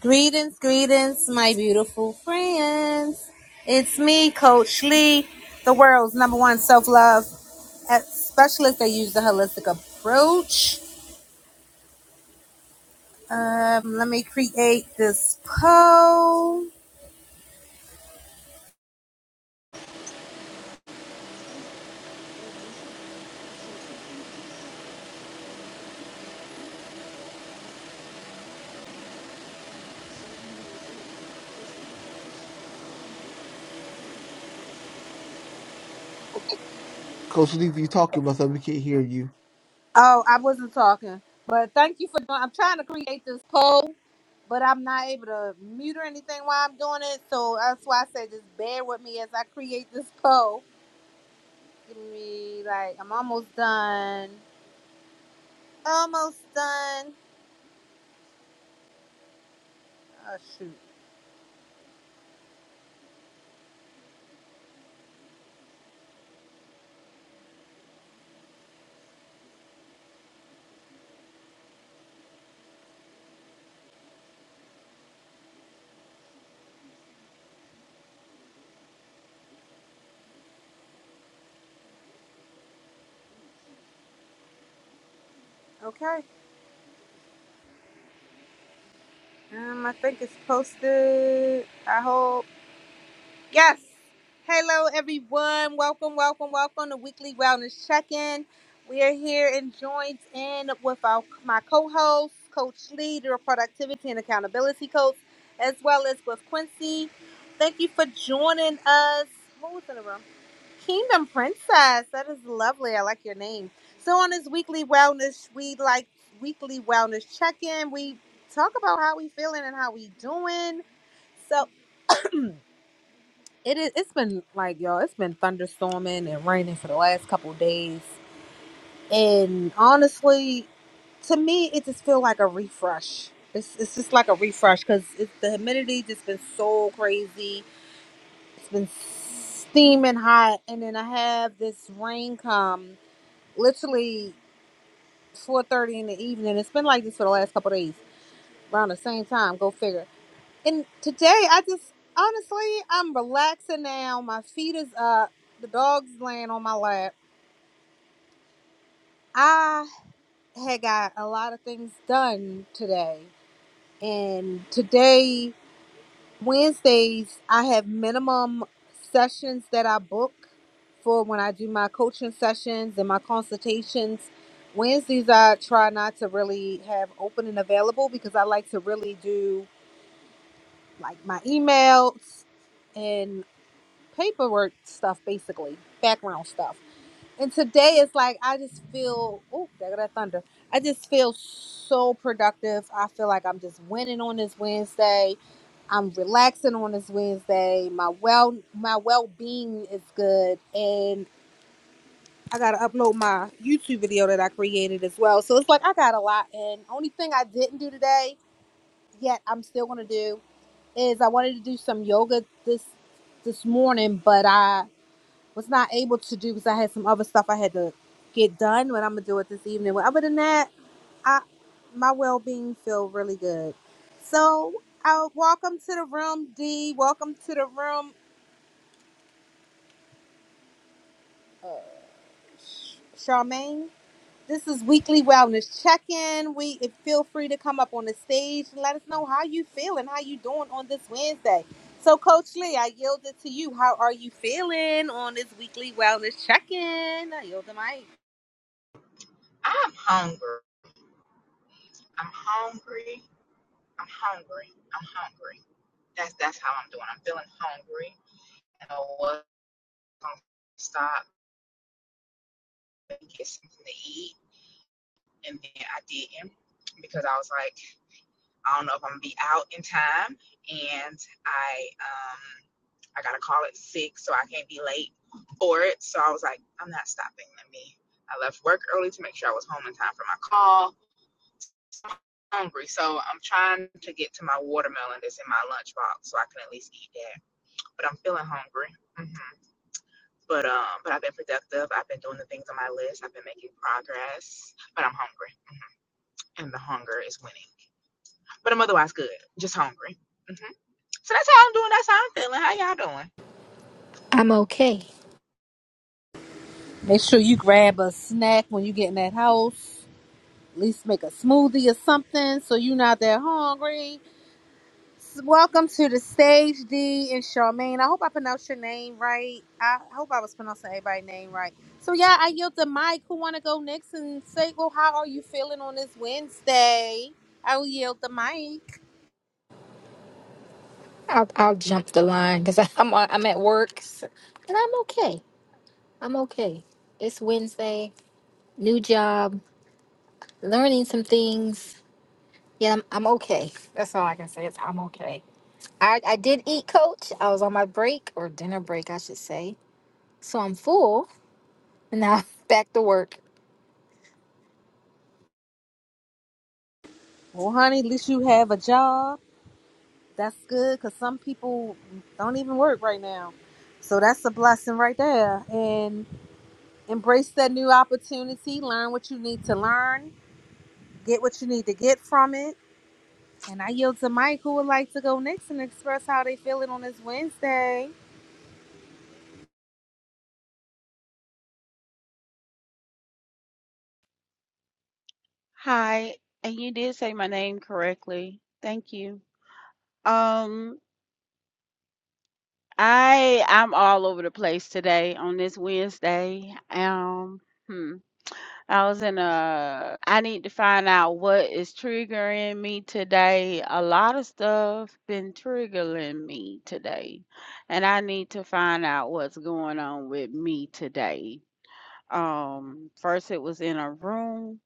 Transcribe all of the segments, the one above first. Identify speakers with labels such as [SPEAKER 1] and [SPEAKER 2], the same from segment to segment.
[SPEAKER 1] Greetings, greetings, my beautiful friends. It's me, Coach Lee, the world's number one self love specialist. I use the holistic approach. Um, let me create this poll.
[SPEAKER 2] Oh, Coach Lee, you talking about something, we can't hear you.
[SPEAKER 1] Oh, I wasn't talking, but thank you for doing. I'm trying to create this poll, but I'm not able to mute or anything while I'm doing it. So that's why I said just bear with me as I create this poll. Give me like I'm almost done. Almost done. Oh shoot. Okay. Um, I think it's posted. I hope. Yes. Hello, everyone. Welcome, welcome, welcome to Weekly Wellness Check-in. We are here and joined in with our my co-host, Coach Lee, the Productivity and Accountability Coach, as well as with Quincy. Thank you for joining us. Who's in the room? Kingdom Princess. That is lovely. I like your name. So on this weekly wellness, we like weekly wellness check-in. We talk about how we feeling and how we doing. So it is it's been like y'all, it's been thunderstorming and raining for the last couple of days. And honestly, to me, it just feel like a refresh. It's, it's just like a refresh because the humidity just been so crazy. It's been steaming hot, and then I have this rain come literally four thirty in the evening. It's been like this for the last couple of days, around the same time. Go figure. And today, I just honestly, I'm relaxing now. My feet is up. The dog's laying on my lap. I had got a lot of things done today, and today. Wednesdays, I have minimum sessions that I book for when I do my coaching sessions and my consultations. Wednesdays, I try not to really have open and available because I like to really do like my emails and paperwork stuff, basically, background stuff. And today is like I just feel oh, there go that thunder. I just feel so productive. I feel like I'm just winning on this Wednesday. I'm relaxing on this Wednesday. My well my well being is good. And I gotta upload my YouTube video that I created as well. So it's like I got a lot and only thing I didn't do today, yet I'm still gonna do, is I wanted to do some yoga this this morning, but I was not able to do because I had some other stuff I had to get done. But I'm gonna do it this evening. But other than that, I my well being feel really good. So, uh, welcome to the room, D. Welcome to the room, Sh- Charmaine. This is weekly wellness check-in. We if- feel free to come up on the stage and let us know how you feel and how you doing on this Wednesday. So, Coach Lee, I yielded to you. How are you feeling on this weekly wellness check-in? I yield the mic.
[SPEAKER 3] I'm hungry. I'm hungry. I'm hungry. I'm hungry. That's that's how I'm doing. I'm feeling hungry. And I was gonna stop and get something to eat, and then I didn't because I was like, I don't know if I'm gonna be out in time, and I um I gotta call it six, so I can't be late for it. So I was like, I'm not stopping. Let me. I left work early to make sure I was home in time for my call hungry, so I'm trying to get to my watermelon that's in my lunchbox so I can at least eat that. But I'm feeling hungry. hmm But um, but I've been productive. I've been doing the things on my list. I've been making progress. But I'm hungry, and the hunger is winning. But I'm otherwise good. Just hungry. hmm So that's how I'm doing. That's how I'm feeling. How y'all doing?
[SPEAKER 4] I'm okay.
[SPEAKER 1] Make sure you grab a snack when you get in that house. At least make a smoothie or something so you're not that hungry. Welcome to the stage, D and Charmaine. I hope I pronounced your name right. I hope I was pronouncing everybody's name right. So yeah, I yield the mic. Who wanna go next and say, well, how are you feeling on this Wednesday? I will yield the mic.
[SPEAKER 4] I'll, I'll jump the line because I'm I'm at work s- and I'm okay. I'm okay. It's Wednesday, new job, learning some things. Yeah, I'm, I'm okay. That's all I can say. Is I'm okay. I, I did eat, Coach. I was on my break or dinner break, I should say. So I'm full and now back to work.
[SPEAKER 1] Well, honey, at least you have a job. That's good, cause some people don't even work right now. So that's a blessing right there. And Embrace that new opportunity. Learn what you need to learn. Get what you need to get from it. And I yield to Mike, who would like to go next and express how they feel it on this Wednesday.
[SPEAKER 5] Hi, and you did say my name correctly. Thank you. Um, I I'm all over the place today on this Wednesday. Um, hmm. I was in a I need to find out what is triggering me today. A lot of stuff been triggering me today, and I need to find out what's going on with me today. Um, first it was in a room,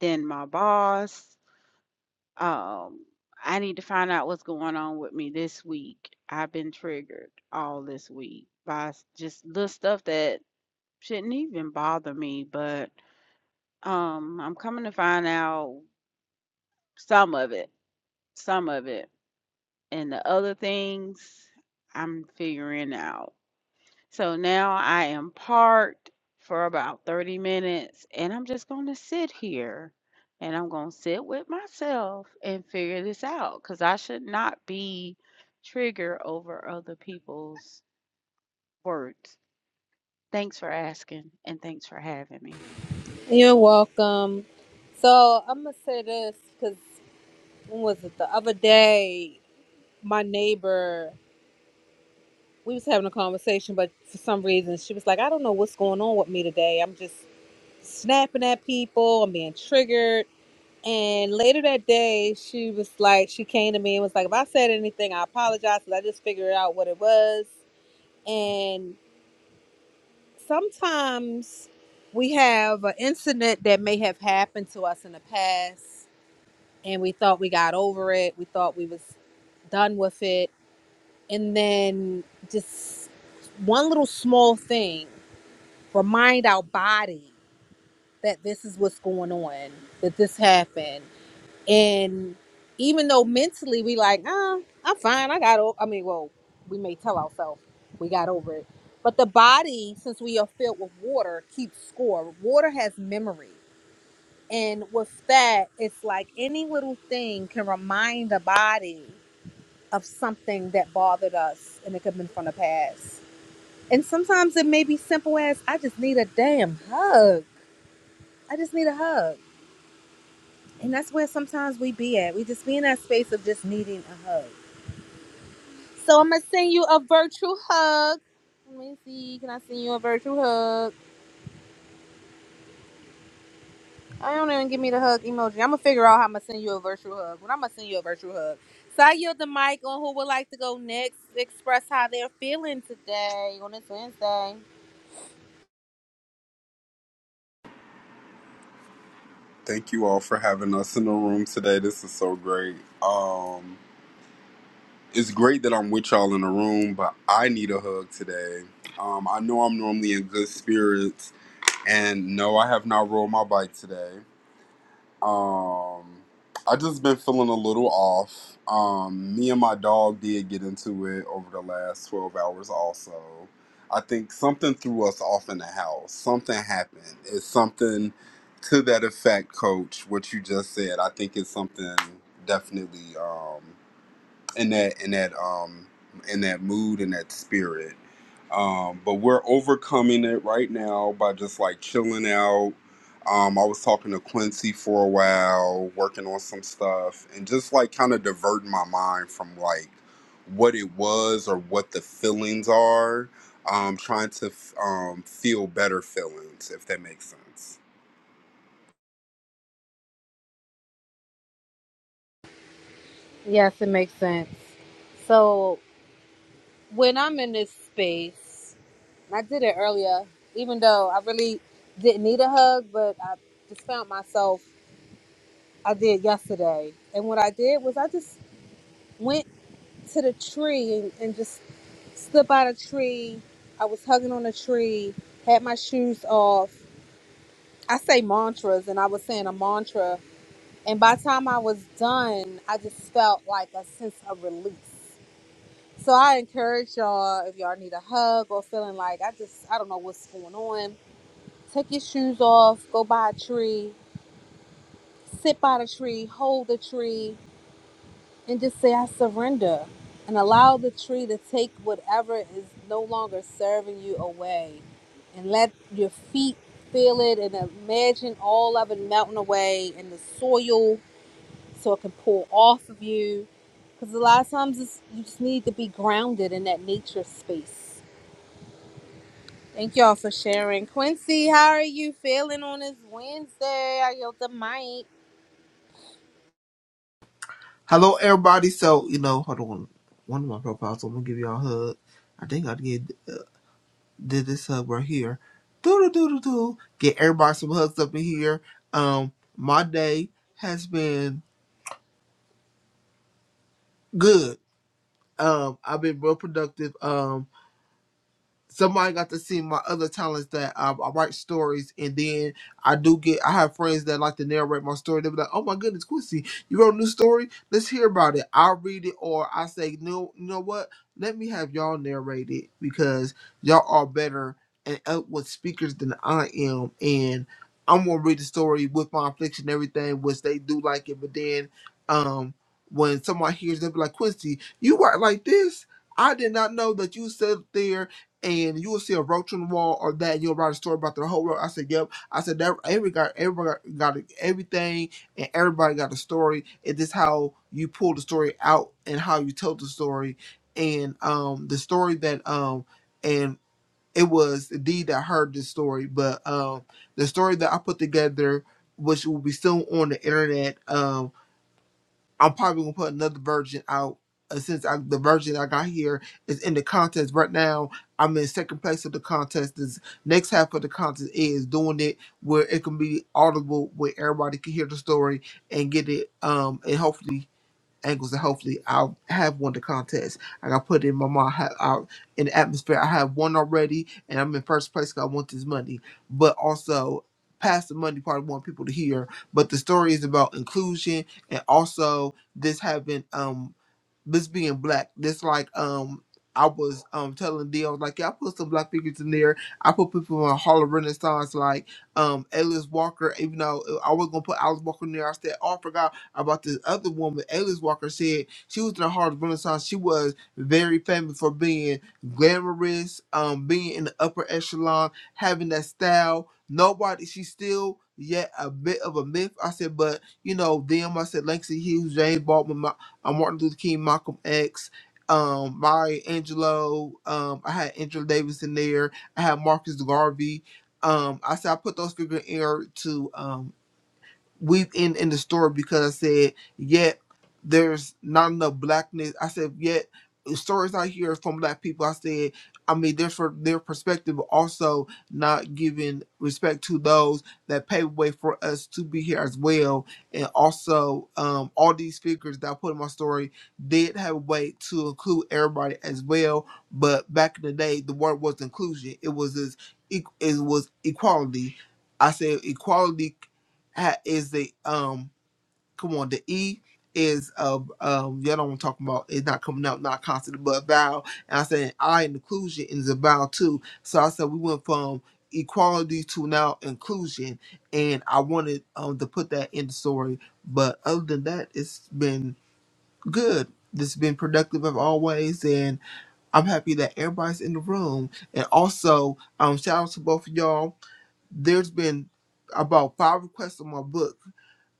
[SPEAKER 5] then my boss. Um, I need to find out what's going on with me this week. I've been triggered all this week by s- just little stuff that shouldn't even bother me, but um, I'm coming to find out some of it, some of it, and the other things I'm figuring out. So now I am parked for about 30 minutes and I'm just going to sit here and I'm going to sit with myself and figure this out because I should not be triggered over other people's words. Thanks for asking and thanks for having me.
[SPEAKER 1] You're welcome. So I'm gonna say this because when was it the other day? My neighbor, we was having a conversation, but for some reason she was like, "I don't know what's going on with me today. I'm just snapping at people. I'm being triggered." And later that day, she was like, she came to me and was like, if I said anything, I apologize 'cause I just figured out what it was. And sometimes we have an incident that may have happened to us in the past and we thought we got over it. We thought we was done with it. And then just one little small thing, remind our body that this is what's going on, that this happened. And even though mentally we like, ah, I'm fine. I got over. I mean, well, we may tell ourselves we got over it, but the body, since we are filled with water, keeps score. Water has memory, and with that, it's like any little thing can remind the body of something that bothered us, and it could have been from the past. And sometimes it may be simple as I just need a damn hug. I just need a hug. And that's where sometimes we be at. We just be in that space of just needing a hug. So I'm gonna send you a virtual hug. Let me see. Can I send you a virtual hug? I don't even give me the hug emoji. I'm gonna figure out how I'm gonna send you a virtual hug. But I'm gonna send you a virtual hug. So I yield the mic on who would like to go next, express how they're feeling today on this Wednesday.
[SPEAKER 6] Thank you all for having us in the room today. This is so great. Um, it's great that I'm with y'all in the room, but I need a hug today. Um, I know I'm normally in good spirits, and no, I have not rolled my bike today. Um, I just been feeling a little off. Um, me and my dog did get into it over the last twelve hours. Also, I think something threw us off in the house. Something happened. It's something to that effect, Coach. What you just said. I think it's something definitely. Um, in that in that um in that mood and that spirit. Um, but we're overcoming it right now by just like chilling out. Um, I was talking to Quincy for a while, working on some stuff, and just like kind of diverting my mind from like what it was or what the feelings are. Um, trying to f- um, feel better feelings, if that makes sense.
[SPEAKER 1] Yes, it makes sense. So when I'm in this space, and I did it earlier, even though I really didn't need a hug, but I just found myself. I did yesterday, and what I did was I just went to the tree and, and just slip out a tree. I was hugging on a tree, had my shoes off. I say mantras, and I was saying a mantra. And by the time I was done, I just felt like a sense of release. So I encourage y'all if y'all need a hug or feeling like I just I don't know what's going on. Take your shoes off, go by a tree, sit by the tree, hold the tree, and just say, I surrender, and allow the tree to take whatever is no longer serving you away. And let your feet feel it and imagine all of it melting away in the soil so it can pour off of you. Because a lot of times it's, you just need to be grounded in that nature space. Thank y'all for sharing. Quincy, how are you feeling on this Wednesday? I yelled the mic.
[SPEAKER 7] Hello, everybody. So, you know, hold on. One of my profiles, so I'm gonna give y'all a hug. I think I did, did this hug right here. Doo doo doo doo doo. Get everybody some hugs up in here. Um, my day has been good. Um, I've been real productive. Um, somebody got to see my other talents that I, I write stories and then I do get I have friends that like to narrate my story. They'll be like, Oh my goodness, Quincy, you wrote a new story? Let's hear about it. i read it or I say, No, you know what? Let me have y'all narrate it because y'all are better and eloquent speakers than I am and I'm gonna read the story with my affliction and everything, which they do like it, but then um when somebody hears they'll be like, Quincy, you write like this? I did not know that you sat there and you will see a roach on the wall or that, and you'll write a story about the whole world. I said, "Yep." I said that every got everybody got everything, and everybody got a story. It is how you pull the story out and how you tell the story, and um the story that um and it was Dee that heard this story, but um the story that I put together, which will be still on the internet, um, I'm probably gonna put another version out. uh, Since I, the version I got here is in the contest right now, I'm in second place of the contest. This next half of the contest is doing it where it can be audible, where everybody can hear the story and get it. Um, and hopefully angles and hopefully I'll have won the contest. Like, I got put in my mind ha- out in the atmosphere. I have one already and I'm in first place. Cause I want this money. But also past the money part I want people to hear. But the story is about inclusion and also this having um this being black. This like um I was um telling D, I was like, yeah, I put some black figures in there. I put people in Hall of Renaissance like um Alice Walker, even though uh, I was gonna put Alice Walker in there, I said, oh, I forgot about this other woman, Alice Walker, said she was in the heart of Renaissance. She was very famous for being glamorous, um, being in the upper echelon, having that style. Nobody, she's still yet a bit of a myth. I said, but you know, them, I said, Langston Hughes, James Baldwin, Ma- uh, Martin Luther King, Malcolm X. Um, Mari Angelo, um, I had Angela Davis in there. I had Marcus Garvey. Um, I said I put those figures in there to um weeping in the story because I said, yet there's not enough blackness. I said, yet stories I hear from black people, I said, I mean, there's for their perspective, but also not giving respect to those that paved way for us to be here as well. And also, um, all these figures that I put in my story did have a way to include everybody as well. But back in the day, the word was inclusion. It was this, e, it was equality. I said equality ha- is the um come on the E is um um y'all don't want to talk about it's not coming up not constant but vowel and I said I and inclusion is a vowel too so I said we went from equality to now inclusion and I wanted um to put that in the story but other than that it's been good it's been productive as always and I'm happy that everybody's in the room and also um shout out to both of y'all there's been about five requests on my book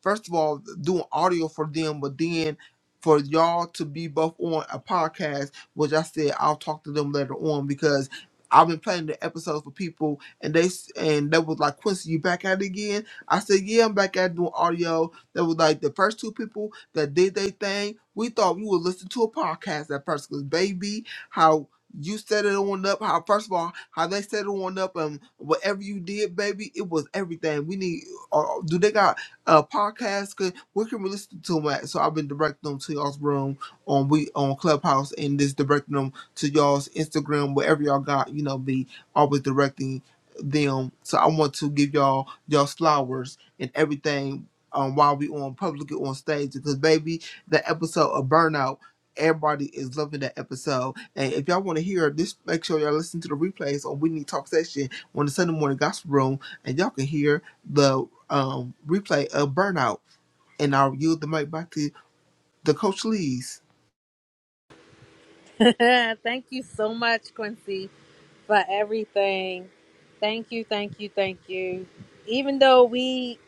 [SPEAKER 7] first of all doing audio for them, but then for y'all to be both on a podcast, which I said I'll talk to them later on because I've been playing the episodes for people and they s- and they was like Quincy, you back at it again? I said yeah, I'm back at it doing audio. That was like the first two people that did their thing. We thought we would listen to a podcast at first because baby, how you set it on up, how first of all, how they set it on up and whatever you did, baby, it was everything. We need. Uh, do they got? uh podcast 'cause where can we listen to them at? So I've been directing them to y'all's room on we on Clubhouse and just directing them to y'all's Instagram, wherever y'all got, you know, be always directing them. So I want to give y'all y'all's flowers and everything um while we on publicly on stage because baby, the episode of burnout Everybody is loving that episode. And if y'all want to hear this, make sure y'all listen to the replays on We Need Talk Session on the Sunday morning gospel room, and y'all can hear the um replay of Burnout. And I'll yield the mic back to the Coach Lees.
[SPEAKER 1] Thank you so much, Quincy. for everything. Thank you, thank you, thank you. Even though we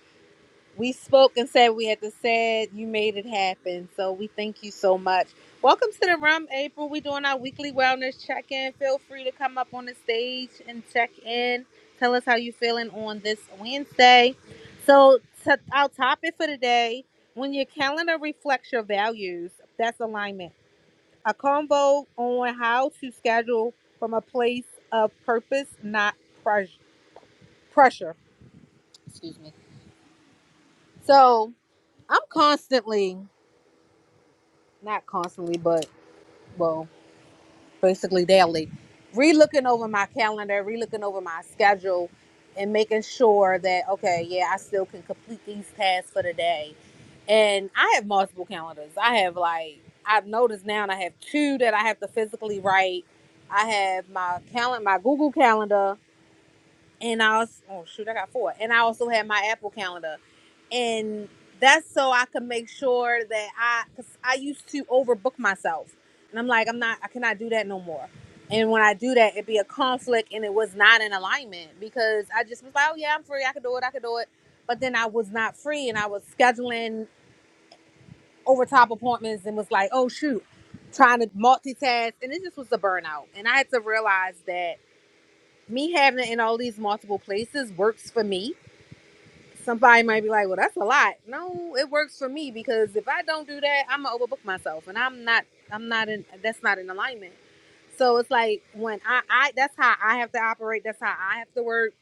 [SPEAKER 1] we spoke and said we had to say it, you made it happen. So we thank you so much. Welcome to the rum, April. We're doing our weekly wellness check-in. Feel free to come up on the stage and check in. Tell us how you're feeling on this Wednesday. So t- our topic for today: when your calendar reflects your values, that's alignment a combo on how to schedule from a place of purpose, not pressure. Pressure, excuse me. So I'm constantly, not constantly, but well, basically daily, relooking over my calendar, relooking over my schedule, and making sure that okay, yeah, I still can complete these tasks for the day. And I have multiple calendars. I have like I've noticed now, and I have two that I have to physically write. I have my calendar, my Google Calendar, and I was oh shoot, I got four, and I also had my Apple calendar, and that's so I could make sure that I, cause I used to overbook myself, and I'm like, I'm not, I cannot do that no more. And when I do that, it'd be a conflict, and it was not in alignment because I just was like, oh yeah, I'm free, I could do it, I could do it, but then I was not free, and I was scheduling overtop appointments, and was like, oh shoot, trying to multitask, and it just was a burnout, and I had to realize that me having it in all these multiple places works for me Somebody might be like, well, that's a lot. No, it works for me because if I don't do that, I'm gonna overbook myself, and I'm not. I'm not in. That's not in alignment. So it's like when I, I that's how I have to operate. That's how I have to work.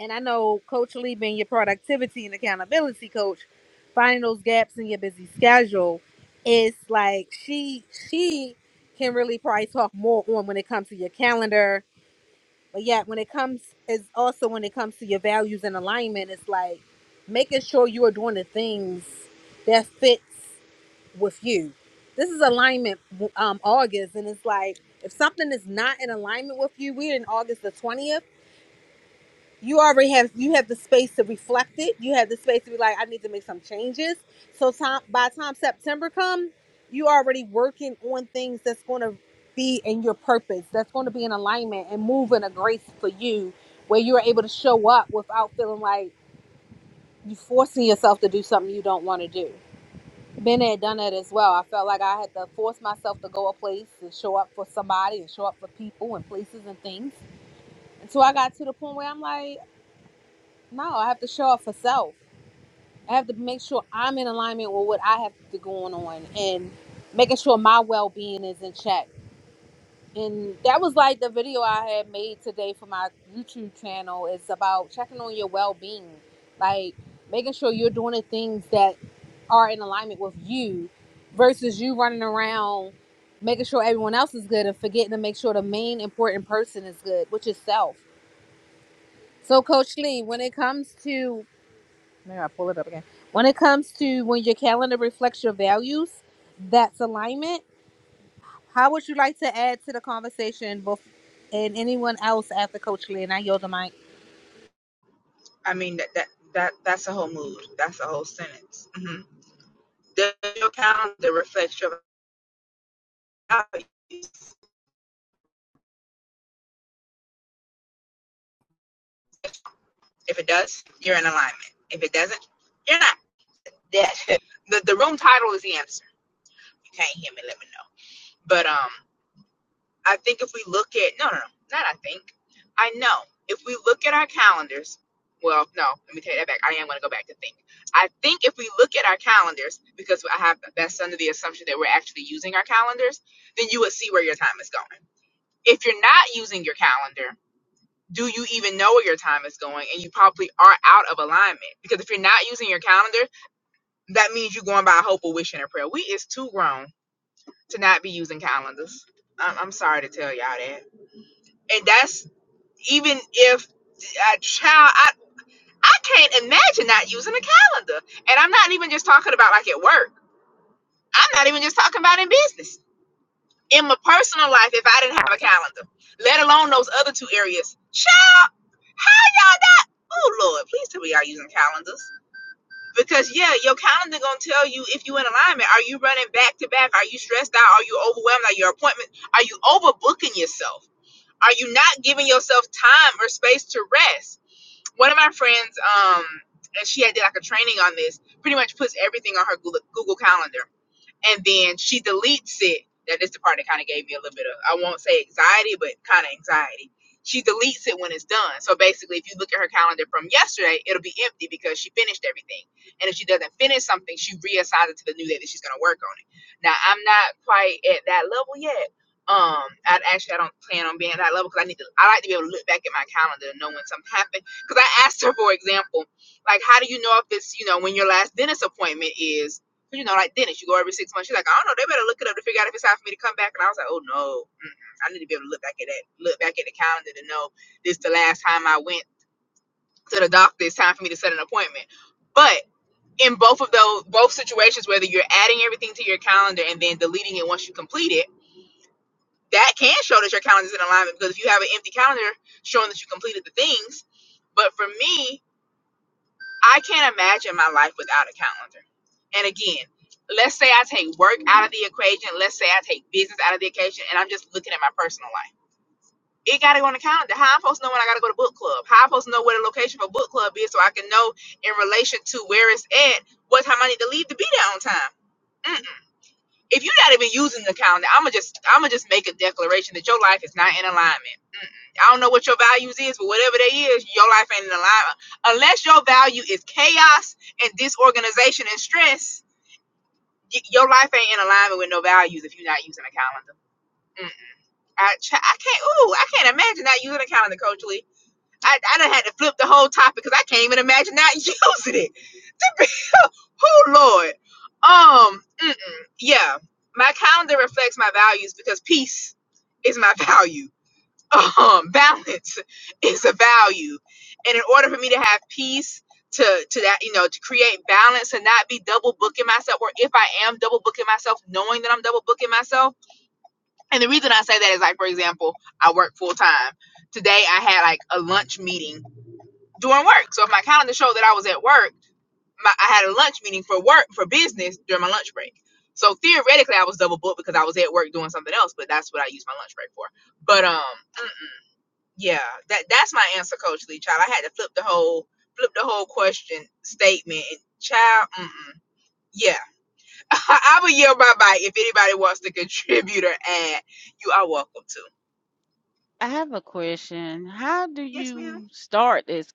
[SPEAKER 1] And I know Coach Lee being your productivity and accountability coach, finding those gaps in your busy schedule is like she she can really probably talk more on when it comes to your calendar but yet, when it comes, is also when it comes to your values and alignment, it's like making sure you are doing the things that fits with you. This is alignment um, August, and it's like if something is not in alignment with you, we're in August the 20th you already have you have the space to reflect it. You have the space to be like, I need to make some changes. So time by the time September comes, you already working on things that's going to be in your purpose. That's going to be in alignment and move in a grace for you, where you are able to show up without feeling like you forcing yourself to do something you don't want to do. Been there, done that as well. I felt like I had to force myself to go a place and show up for somebody and show up for people and places and things. Until I got to the point where I'm like. No, I have to show up for self. I have to make sure I'm in alignment with what I have to going on and making sure my well being is in check. And that was like the video I had made today for my YouTube channel. It's about checking on your well being. Like making sure you're doing the things that are in alignment with you versus you running around making sure everyone else is good and forgetting to make sure the main important person is good, which is self. So Coach Lee, when it comes to Now I gotta pull it up again. When it comes to when your calendar reflects your values, that's alignment. How would you like to add to the conversation bef- and anyone else after Coach Lee? And I yield the mic.
[SPEAKER 3] I mean that that that that's a whole mood. That's a whole sentence. hmm Does your calendar reflect your values? If it does, you're in alignment. If it doesn't, you're not. that the, the room title is the answer. You can't hear me, let me know. But um, I think if we look at no, no, no, not I think, I know. If we look at our calendars, well, no, let me take that back. I am going to go back to think. I think if we look at our calendars, because I have that's under the assumption that we're actually using our calendars, then you would see where your time is going. If you're not using your calendar, do you even know where your time is going? And you probably are out of alignment because if you're not using your calendar that means you're going by hope, a wish, and a prayer. We is too grown to not be using calendars. I'm, I'm sorry to tell y'all that. And that's even if a child, I, I can't imagine not using a calendar. And I'm not even just talking about like at work. I'm not even just talking about in business. In my personal life, if I didn't have a calendar, let alone those other two areas, child, how y'all not? Oh Lord, please tell me y'all using calendars. Because yeah, your calendar gonna tell you if you in alignment. Are you running back to back? Are you stressed out? Are you overwhelmed? Are your appointment? Are you overbooking yourself? Are you not giving yourself time or space to rest? One of my friends, um, and she had did like a training on this. Pretty much puts everything on her Google Google calendar and then she deletes it. That is the part that kind of gave me a little bit of, I won't say anxiety, but kind of anxiety. She deletes it when it's done. So basically, if you look at her calendar from yesterday, it'll be empty because she finished everything. And if she doesn't finish something, she reassigns it to the new day that she's going to work on it. Now, I'm not quite at that level yet. Um, I actually I don't plan on being at that level because I need to. I like to be able to look back at my calendar and know when something happened. Because I asked her, for example, like, how do you know if it's you know when your last dentist appointment is? 'Cause, you know, like dentist, you go every six months. She's like, I don't know. They better look it up to figure out if it's time for me to come back. And I was like, oh no, Mm-mm. I need to be able to look back at that, look back at the calendar to know this the last time I went to the doctor. It's time for me to set an appointment. But in both of those, both situations, whether you're adding everything to your calendar and then deleting it once you complete it, that can show that your calendar is in alignment. Because if you have an empty calendar showing that you completed the things, but for me, I can't imagine my life without a calendar. And again, let's say I take work out of the equation. Let's say I take business out of the equation, and I'm just looking at my personal life. It gotta go on the calendar. How I'm supposed to know when I gotta go to book club? How I'm supposed to know where the location for book club is, so I can know in relation to where it's at what time I need to leave to be there on time. Mm. If you're not even using the calendar, I'ma just I'ma just make a declaration that your life is not in alignment. Mm-mm. I don't know what your values is, but whatever they is, your life ain't in alignment. Unless your value is chaos and disorganization and stress, y- your life ain't in alignment with no values if you're not using a calendar. Mm. I, ch- I can't. Ooh, I can't imagine not using a calendar, Coach Lee. I, I done had to flip the whole topic because I can't even imagine not using it to be, oh Lord. Um, mm-mm. yeah, my calendar reflects my values because peace is my value. Um, balance is a value, and in order for me to have peace, to to that you know, to create balance and not be double booking myself, or if I am double booking myself, knowing that I'm double booking myself. And the reason I say that is like, for example, I work full time. Today I had like a lunch meeting during work, so if my calendar showed that I was at work my, I had a lunch meeting for work for business during my lunch break. So theoretically, I was double booked because I was at work doing something else, but that's what I used my lunch break for. But um, mm, yeah, that that's my answer, Coach Lee. Child, I had to flip the whole flip the whole question statement. And child, mm-mm, yeah, I will yell bye bye if anybody wants to contribute or add. You are welcome to.
[SPEAKER 5] I have a question. How do
[SPEAKER 3] Yes, ma'am.
[SPEAKER 5] you start this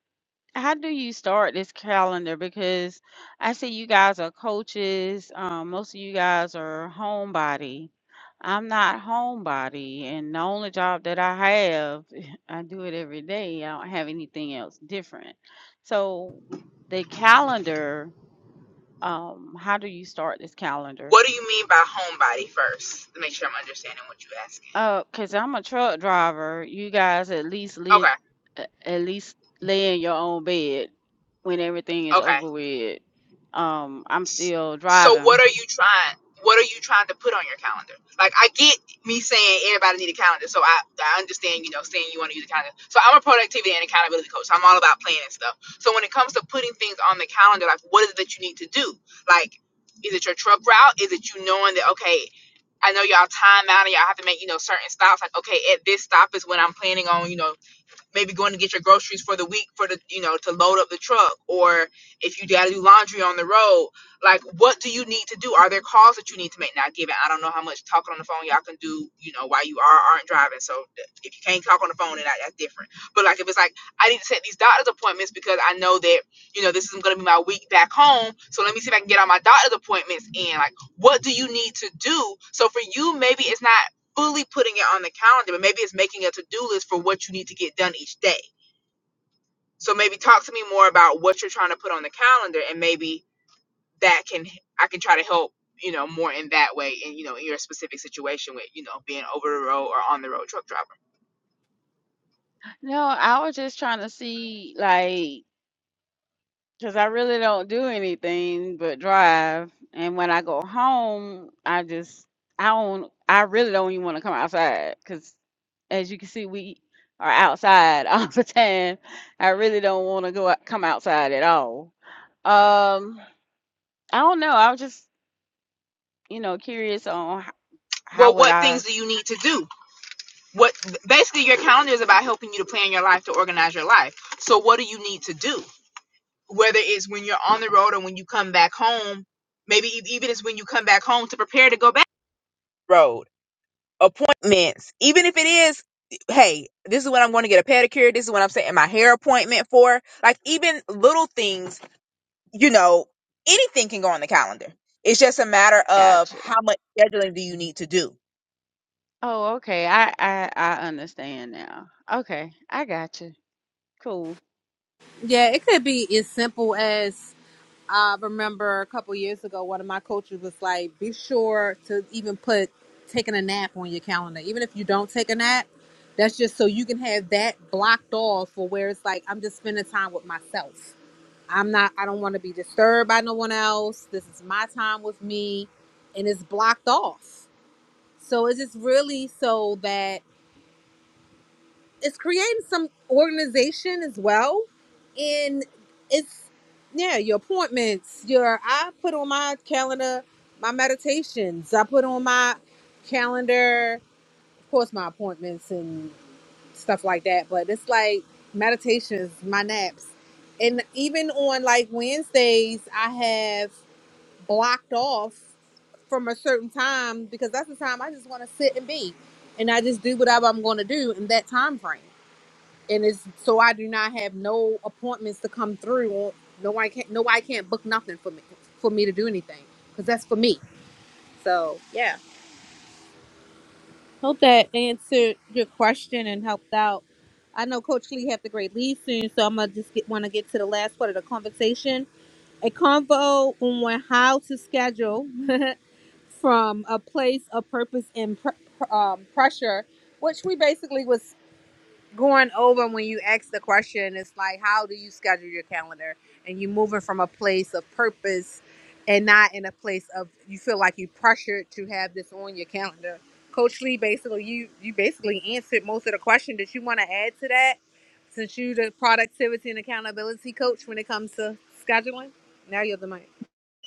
[SPEAKER 5] how do you start this calendar? Because I see you guys are coaches. Um, most of you guys are homebody. I'm not homebody, and the only job that I have, I do it every day. I don't have anything else different. So the calendar, um, how do you start this calendar?
[SPEAKER 3] What do you mean by homebody first? To make sure I'm understanding what you're asking.
[SPEAKER 5] Oh, cause I'm a truck driver. You guys at least live,
[SPEAKER 3] Okay,
[SPEAKER 5] at least lay in your own bed when everything is
[SPEAKER 3] okay.
[SPEAKER 5] over with. Um, I'm still
[SPEAKER 3] So what
[SPEAKER 5] driving.
[SPEAKER 3] are you trying? What are you trying to put on your calendar? Like I get me saying everybody need a calendar, so I, I understand you know saying you want to use a calendar. So I'm a productivity and accountability coach. So I'm all about planning stuff. So when it comes to putting things on the calendar, like what is it that you need to do? Like is it your truck route? Is it you knowing that okay, I know y'all time out and y'all have to make you know certain stops. Like okay, at this stop is when I'm planning on you know maybe going to get your groceries for the week for the you know to load up the truck or if you gotta do laundry on the road like what do you need to do are there calls that you need to make now given i don't know how much talking on the phone y'all can do you know while you are aren't driving so th- if you can't talk on the phone then that, that's different but like if it's like i need to set these doctor's appointments because i know that you know this is going to be my week back home so let me see if i can get all my doctor's appointments in like what do you need to do so for you maybe it's not fully putting it on the calendar, but maybe it's making a to-do list for what you need to get done each day. So maybe talk to me more about what you're trying to put on the calendar and maybe that can I can try to help, you know, more in that way and you know, in your specific situation with, you know, being over the road or on the road truck driver.
[SPEAKER 5] No, I was just trying to see, like, cause I really don't do anything but drive. And when I go home, I just, I don't, I really don't even want to come outside, cause as you can see, we are outside all the time. I really don't want to go out, come outside at all. Um, I don't know. I was just, you know, curious on h-
[SPEAKER 3] Well,
[SPEAKER 5] how would
[SPEAKER 3] what
[SPEAKER 5] I
[SPEAKER 3] things do you need to do? What basically your calendar is about helping you to plan your life, to organize your life. So what do you need to do? Whether it's when you're on the road or when you come back home, maybe e- even it's when you come back home to prepare to go back road appointments, even if it is, hey, this is when I'm going to get a pedicure. This is what I'm saying my hair appointment for. Like even little things, you know, anything can go on the calendar. It's just a matter
[SPEAKER 5] I
[SPEAKER 3] of
[SPEAKER 5] gotcha.
[SPEAKER 3] how much scheduling do you need to do.
[SPEAKER 5] Oh, okay. I I I understand now. Okay, I gotcha. Cool.
[SPEAKER 1] Yeah, it could be as simple as I remember a couple years ago, one of my coaches was like, be sure to even put taking a nap on your calendar. Even if you don't take a nap, that's just so you can have that blocked off for where it's like, I'm just spending time with myself. I'm not, I don't want to be disturbed by no one else. This is my time with me. And it's blocked off. So it's just really so that it's creating some organization as well. And it's, yeah, your appointments, your, I put on my calendar my meditations, I put on my calendar, of course, my appointments and stuff like that. But it's like meditations, my naps. And even on like Wednesdays, I have blocked off from a certain time because that's the time I just want to sit and be, and I just do whatever I'm going to do in that time frame. And it's so I do not have no appointments to come through. Or no, I can't. No, I can't book nothing for me for me to do anything because that's for me. So yeah, hope that answered your question and helped out. I know Coach Lee have the great lead soon, so I'm gonna just get want to get to the last part of the conversation. A convo on how to schedule from a place of purpose and pr- pr- um, pressure, which we basically was going over when you asked the question. It's like, how do you schedule your calendar? And you're moving from a place of purpose and not in a place of you feel like you pressured to have this on your calendar. Coach Lee, basically, you you basically answered most of the question. Did you want to add to that? Since you the productivity and accountability coach when it comes to scheduling, now you're the mic.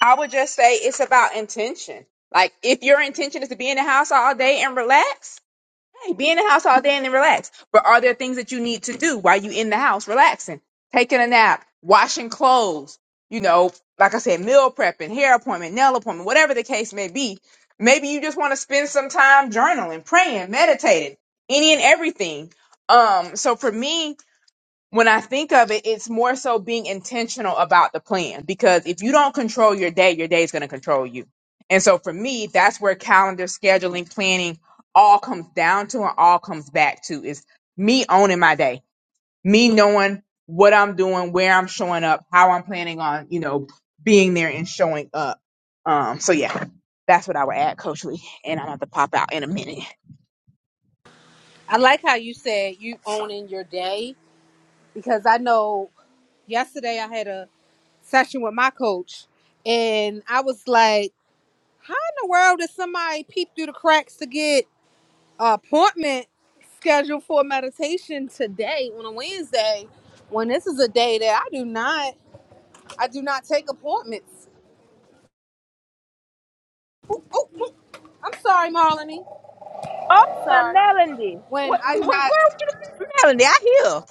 [SPEAKER 3] I would just say it's about intention. Like if your intention is to be in the house all day and relax, Hey, be in the house all day and then relax. But are there things that you need to do while you in the house relaxing? Taking a nap, washing clothes, you know, like I said, meal prepping, hair appointment, nail appointment, whatever the case may be. Maybe you just want to spend some time journaling, praying, meditating, any and everything. Um, so for me, when I think of it, it's more so being intentional about the plan because if you don't control your day, your day is going to control you. And so for me, that's where calendar scheduling, planning all comes down to and all comes back to is me owning my day me knowing what I'm doing, where I'm showing up, how I'm planning on, you know, being there and showing up. Um, so yeah, that's what I would add, Coach Lee. And I'm about to pop out in a minute.
[SPEAKER 1] I like how you said you owning your day because I know yesterday I had a session with my coach and I was like, how in the world did somebody peep through the cracks to get an appointment scheduled for meditation today on a Wednesday when this is a day that I do not I do not take appointments. Ooh, ooh, ooh. I'm sorry, Marlene.
[SPEAKER 3] Oh, my
[SPEAKER 1] Sorry.
[SPEAKER 3] Melody.
[SPEAKER 1] When
[SPEAKER 3] What,
[SPEAKER 1] I do
[SPEAKER 3] what, what else
[SPEAKER 1] not
[SPEAKER 3] you need, Melody? I hear.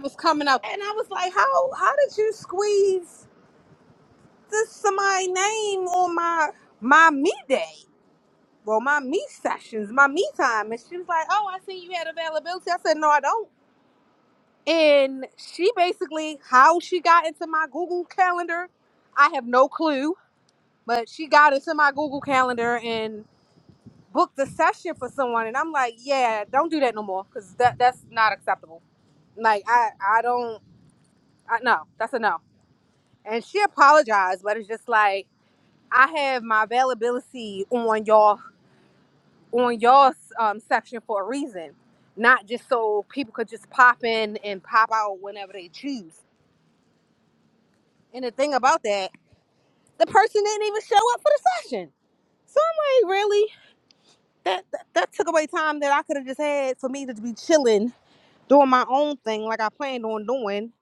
[SPEAKER 1] was coming up and I was like, how how did you squeeze this somebody's name on my my me day? well, my me sessions, my me time. And she was like, Oh, I seen you had availability. I said, No, I don't. And she basically, how she got into my Google Calendar, I have no clue. But she got into my Google Calendar and booked a session for someone. And I'm like, Yeah, don't do that no more because that, that's not acceptable. Like, I, I don't, I, no, that's a no. And she apologized, but it's just like, I have my availability on y'all on y'all's um, section for a reason, not just so people could just pop in and pop out whenever they choose. And the thing about that, the person didn't even show up for the session. So I'm like, really? That that, that took away time that I could have just had for me to be chilling, doing my own thing like I planned on doing.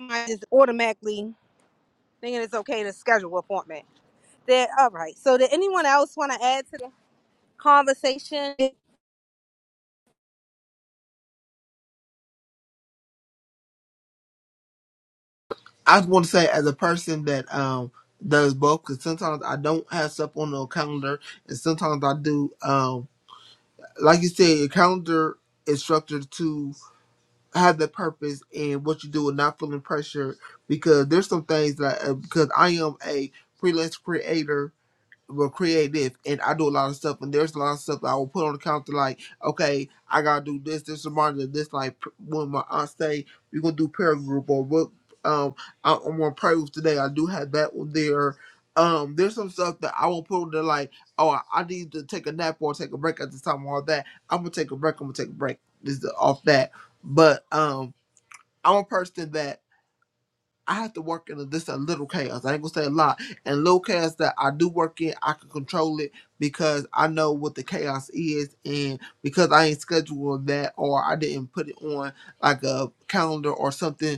[SPEAKER 1] I just automatically thinking it's okay to schedule an appointment. That all right. So did anyone else want to add to the conversation?
[SPEAKER 7] I just want to say, as a person that um does both, because sometimes I don't have stuff on the calendar, and sometimes I do. Um, like you said, your calendar is structured to have that purpose and what you do and not feeling pressure because there's some things that uh, because I am a freelance creator will create this and I do a lot of stuff and there's a lot of stuff that I will put on the counter like, okay, I gotta do this, this reminder, of this like p- when my aunt say we're gonna do prayer group or what um I, I'm gonna pray with today. I do have that one there. Um there's some stuff that I will put on there like, oh I, I need to take a nap or take a break at this time all that. I'm gonna take a break, I'm gonna take a break. This is off that. But um I'm a person that I have to work in this a little chaos. I ain't gonna say a lot. And little chaos that I do work in, I can control it because I know what the chaos is, and because I ain't scheduled that or I didn't put it on like a calendar or something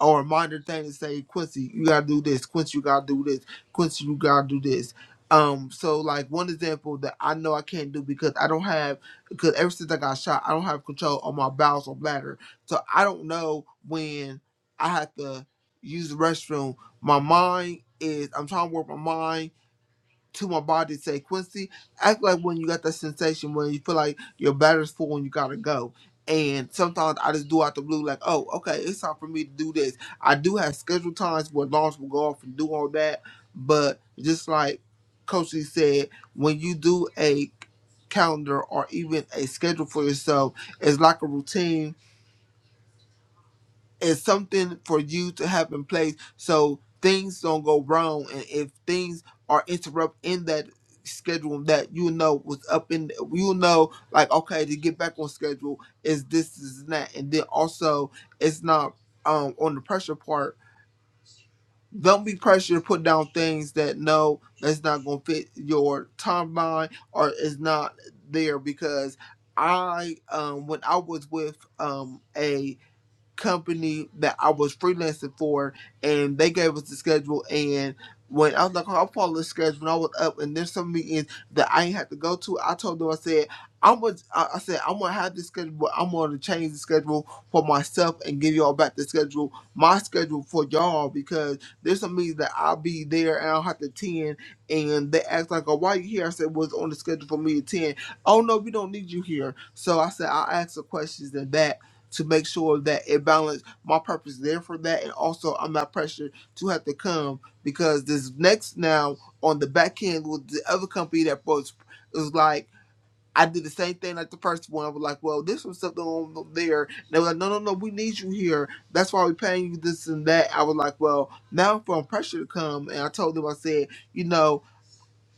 [SPEAKER 7] or a minor thing to say, Quincy, you gotta do this. Quincy, you gotta do this. Quincy, you gotta do this. Um, so like one example that I know I can't do because I don't have because ever since I got shot, I don't have control on my bowels or bladder. So I don't know when I have to use the restroom. My mind is I'm trying to work my mind to my body say, Quincy, act like when you got that sensation when you feel like your battery's full and you gotta go. And sometimes I just do out the blue, like, oh, okay, it's time for me to do this. I do have scheduled times where alarms will go off and do all that, but just like Coach Lee said, when you do a calendar or even a schedule for yourself, it's like a routine is something for you to have in place so things don't go wrong. And if things are interrupt in that schedule that you know was up in, you know, like okay, to get back on schedule is this is that, and then also it's not um on the pressure part. Don't be pressured to put down things that no, that's not gonna fit your timeline or is not there because I um when I was with um a company that I was freelancing for, and they gave us the schedule. And when I was like, oh, I'll follow the schedule, when I was up, and there's some meetings that I ain't had to go to, I told them, I said, I'm gonna, I I said, I'm gonna have this schedule, but I'm gonna change the schedule for myself and give y'all back the schedule, my schedule for y'all, because there's some meetings that I'll be there and I'll have to attend. And they asked, like, oh, why you here? I said, was on the schedule for me to attend. Oh, no, we don't need you here. So I said, i asked ask the questions and that to make sure that it balanced my purpose is there for that and also I'm not pressured to have to come because this next now on the back end with the other company that was it was like I did the same thing like the first one. I was like, well, this was something on there. And they were like, no, no, no, we need you here. That's why we're paying you this and that. I was like, well, now I'm feeling pressure to come. And I told them, I said, you know,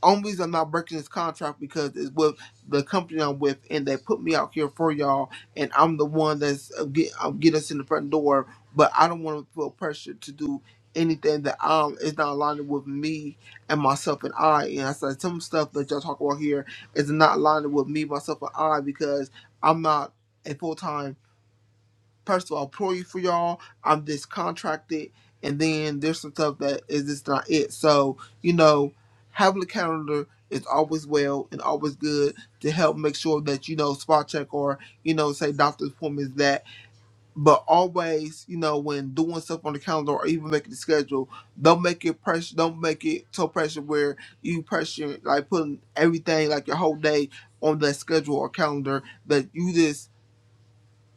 [SPEAKER 7] only reason I'm not breaking this contract because it's with the company I'm with, and they put me out here for y'all, and I'm the one that's uh, get I'm us in the front door. But I don't want to feel pressure to do anything that um is not aligned with me and myself and I. And I said some stuff that y'all talk about here is not aligned with me, myself, and I because I'm not a full time. First of all, pray for y'all. I'm just contracted, and then there's some stuff that is just not it. So you know, having a calendar is always well and always good to help make sure that you know spot check or you know say doctor's appointments that. But always, you know, when doing stuff on the calendar or even making the schedule, don't make it pressure. Don't make it so pressure where you pressure like putting everything like your whole day on that schedule or calendar that you just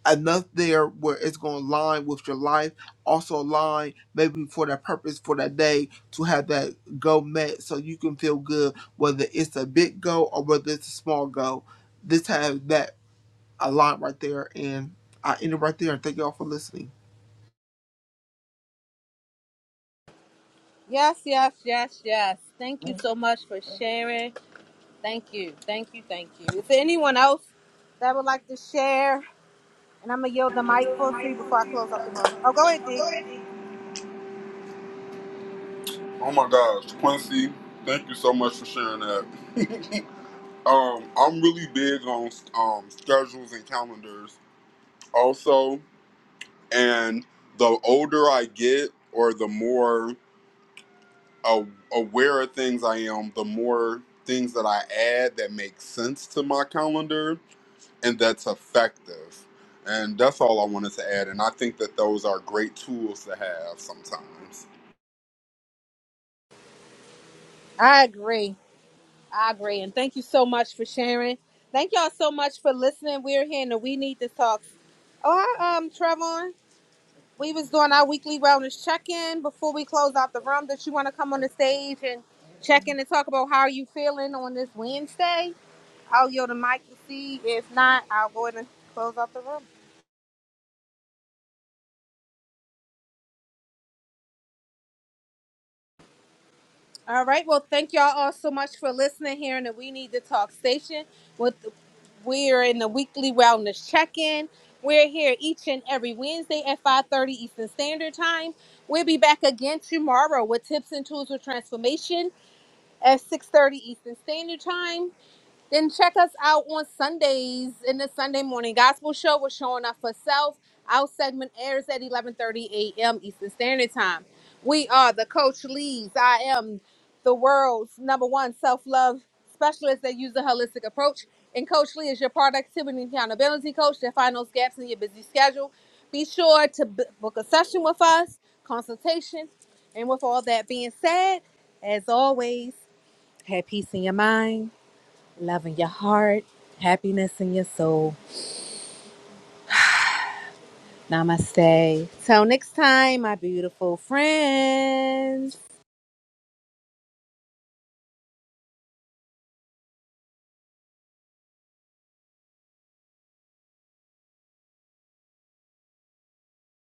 [SPEAKER 7] enough there where it's going to align with your life, also align maybe for that purpose for that day to have that goal met so you can feel good, whether it's a big goal or whether it's a small goal. This has that aligned right there, and I end it right there. And thank y'all for listening.
[SPEAKER 1] Yes, yes, yes, yes. Thank you so much for sharing. Thank you. Thank you. Thank you. Is there anyone else that would like to share? And I'm going to yield the mic for a few before I close up the room. Oh, go ahead, D.
[SPEAKER 6] Oh my gosh, Quincy, thank you so much for sharing that. um, I'm really big on um, schedules and calendars also, and the older I get or the more a- aware of things I am, the more things that I add that make sense to my calendar and that's effective. And that's all I wanted to add. And I think that those are great tools to have sometimes.
[SPEAKER 1] I agree. I agree. And thank you so much for sharing. Thank y'all so much for listening. We're here in the We Need to Talk. Oh, hi, um, Trevon. We was doing our weekly wellness check-in before we close out the room. Did you want to come on the stage and check in and talk about how you feeling on this Wednesday? I'll yield the mic to see. If not, I'll go ahead and close out the room. All right. Well, thank y'all all so much for listening here in the We Need to Talk station. With we are in the weekly wellness check-in. We're here each and every Wednesday at 5:30 Eastern Standard Time. We'll be back again tomorrow with tips and tools for transformation at 6:30 Eastern Standard Time. Then check us out on Sundays in the Sunday morning gospel show. We're showing up for self. Our segment airs at 11:30 a.m. Eastern Standard Time. We are the Coach Leads. I am the world's number one self-love specialist that uses a holistic approach. And Coach Lee is your productivity and accountability coach that finds those gaps in your busy schedule. Be sure to b- book a session with us, consultation. And with all that being said, as always, have peace in your mind love in your heart, happiness in your soul. Namaste. Till next time, my beautiful friends.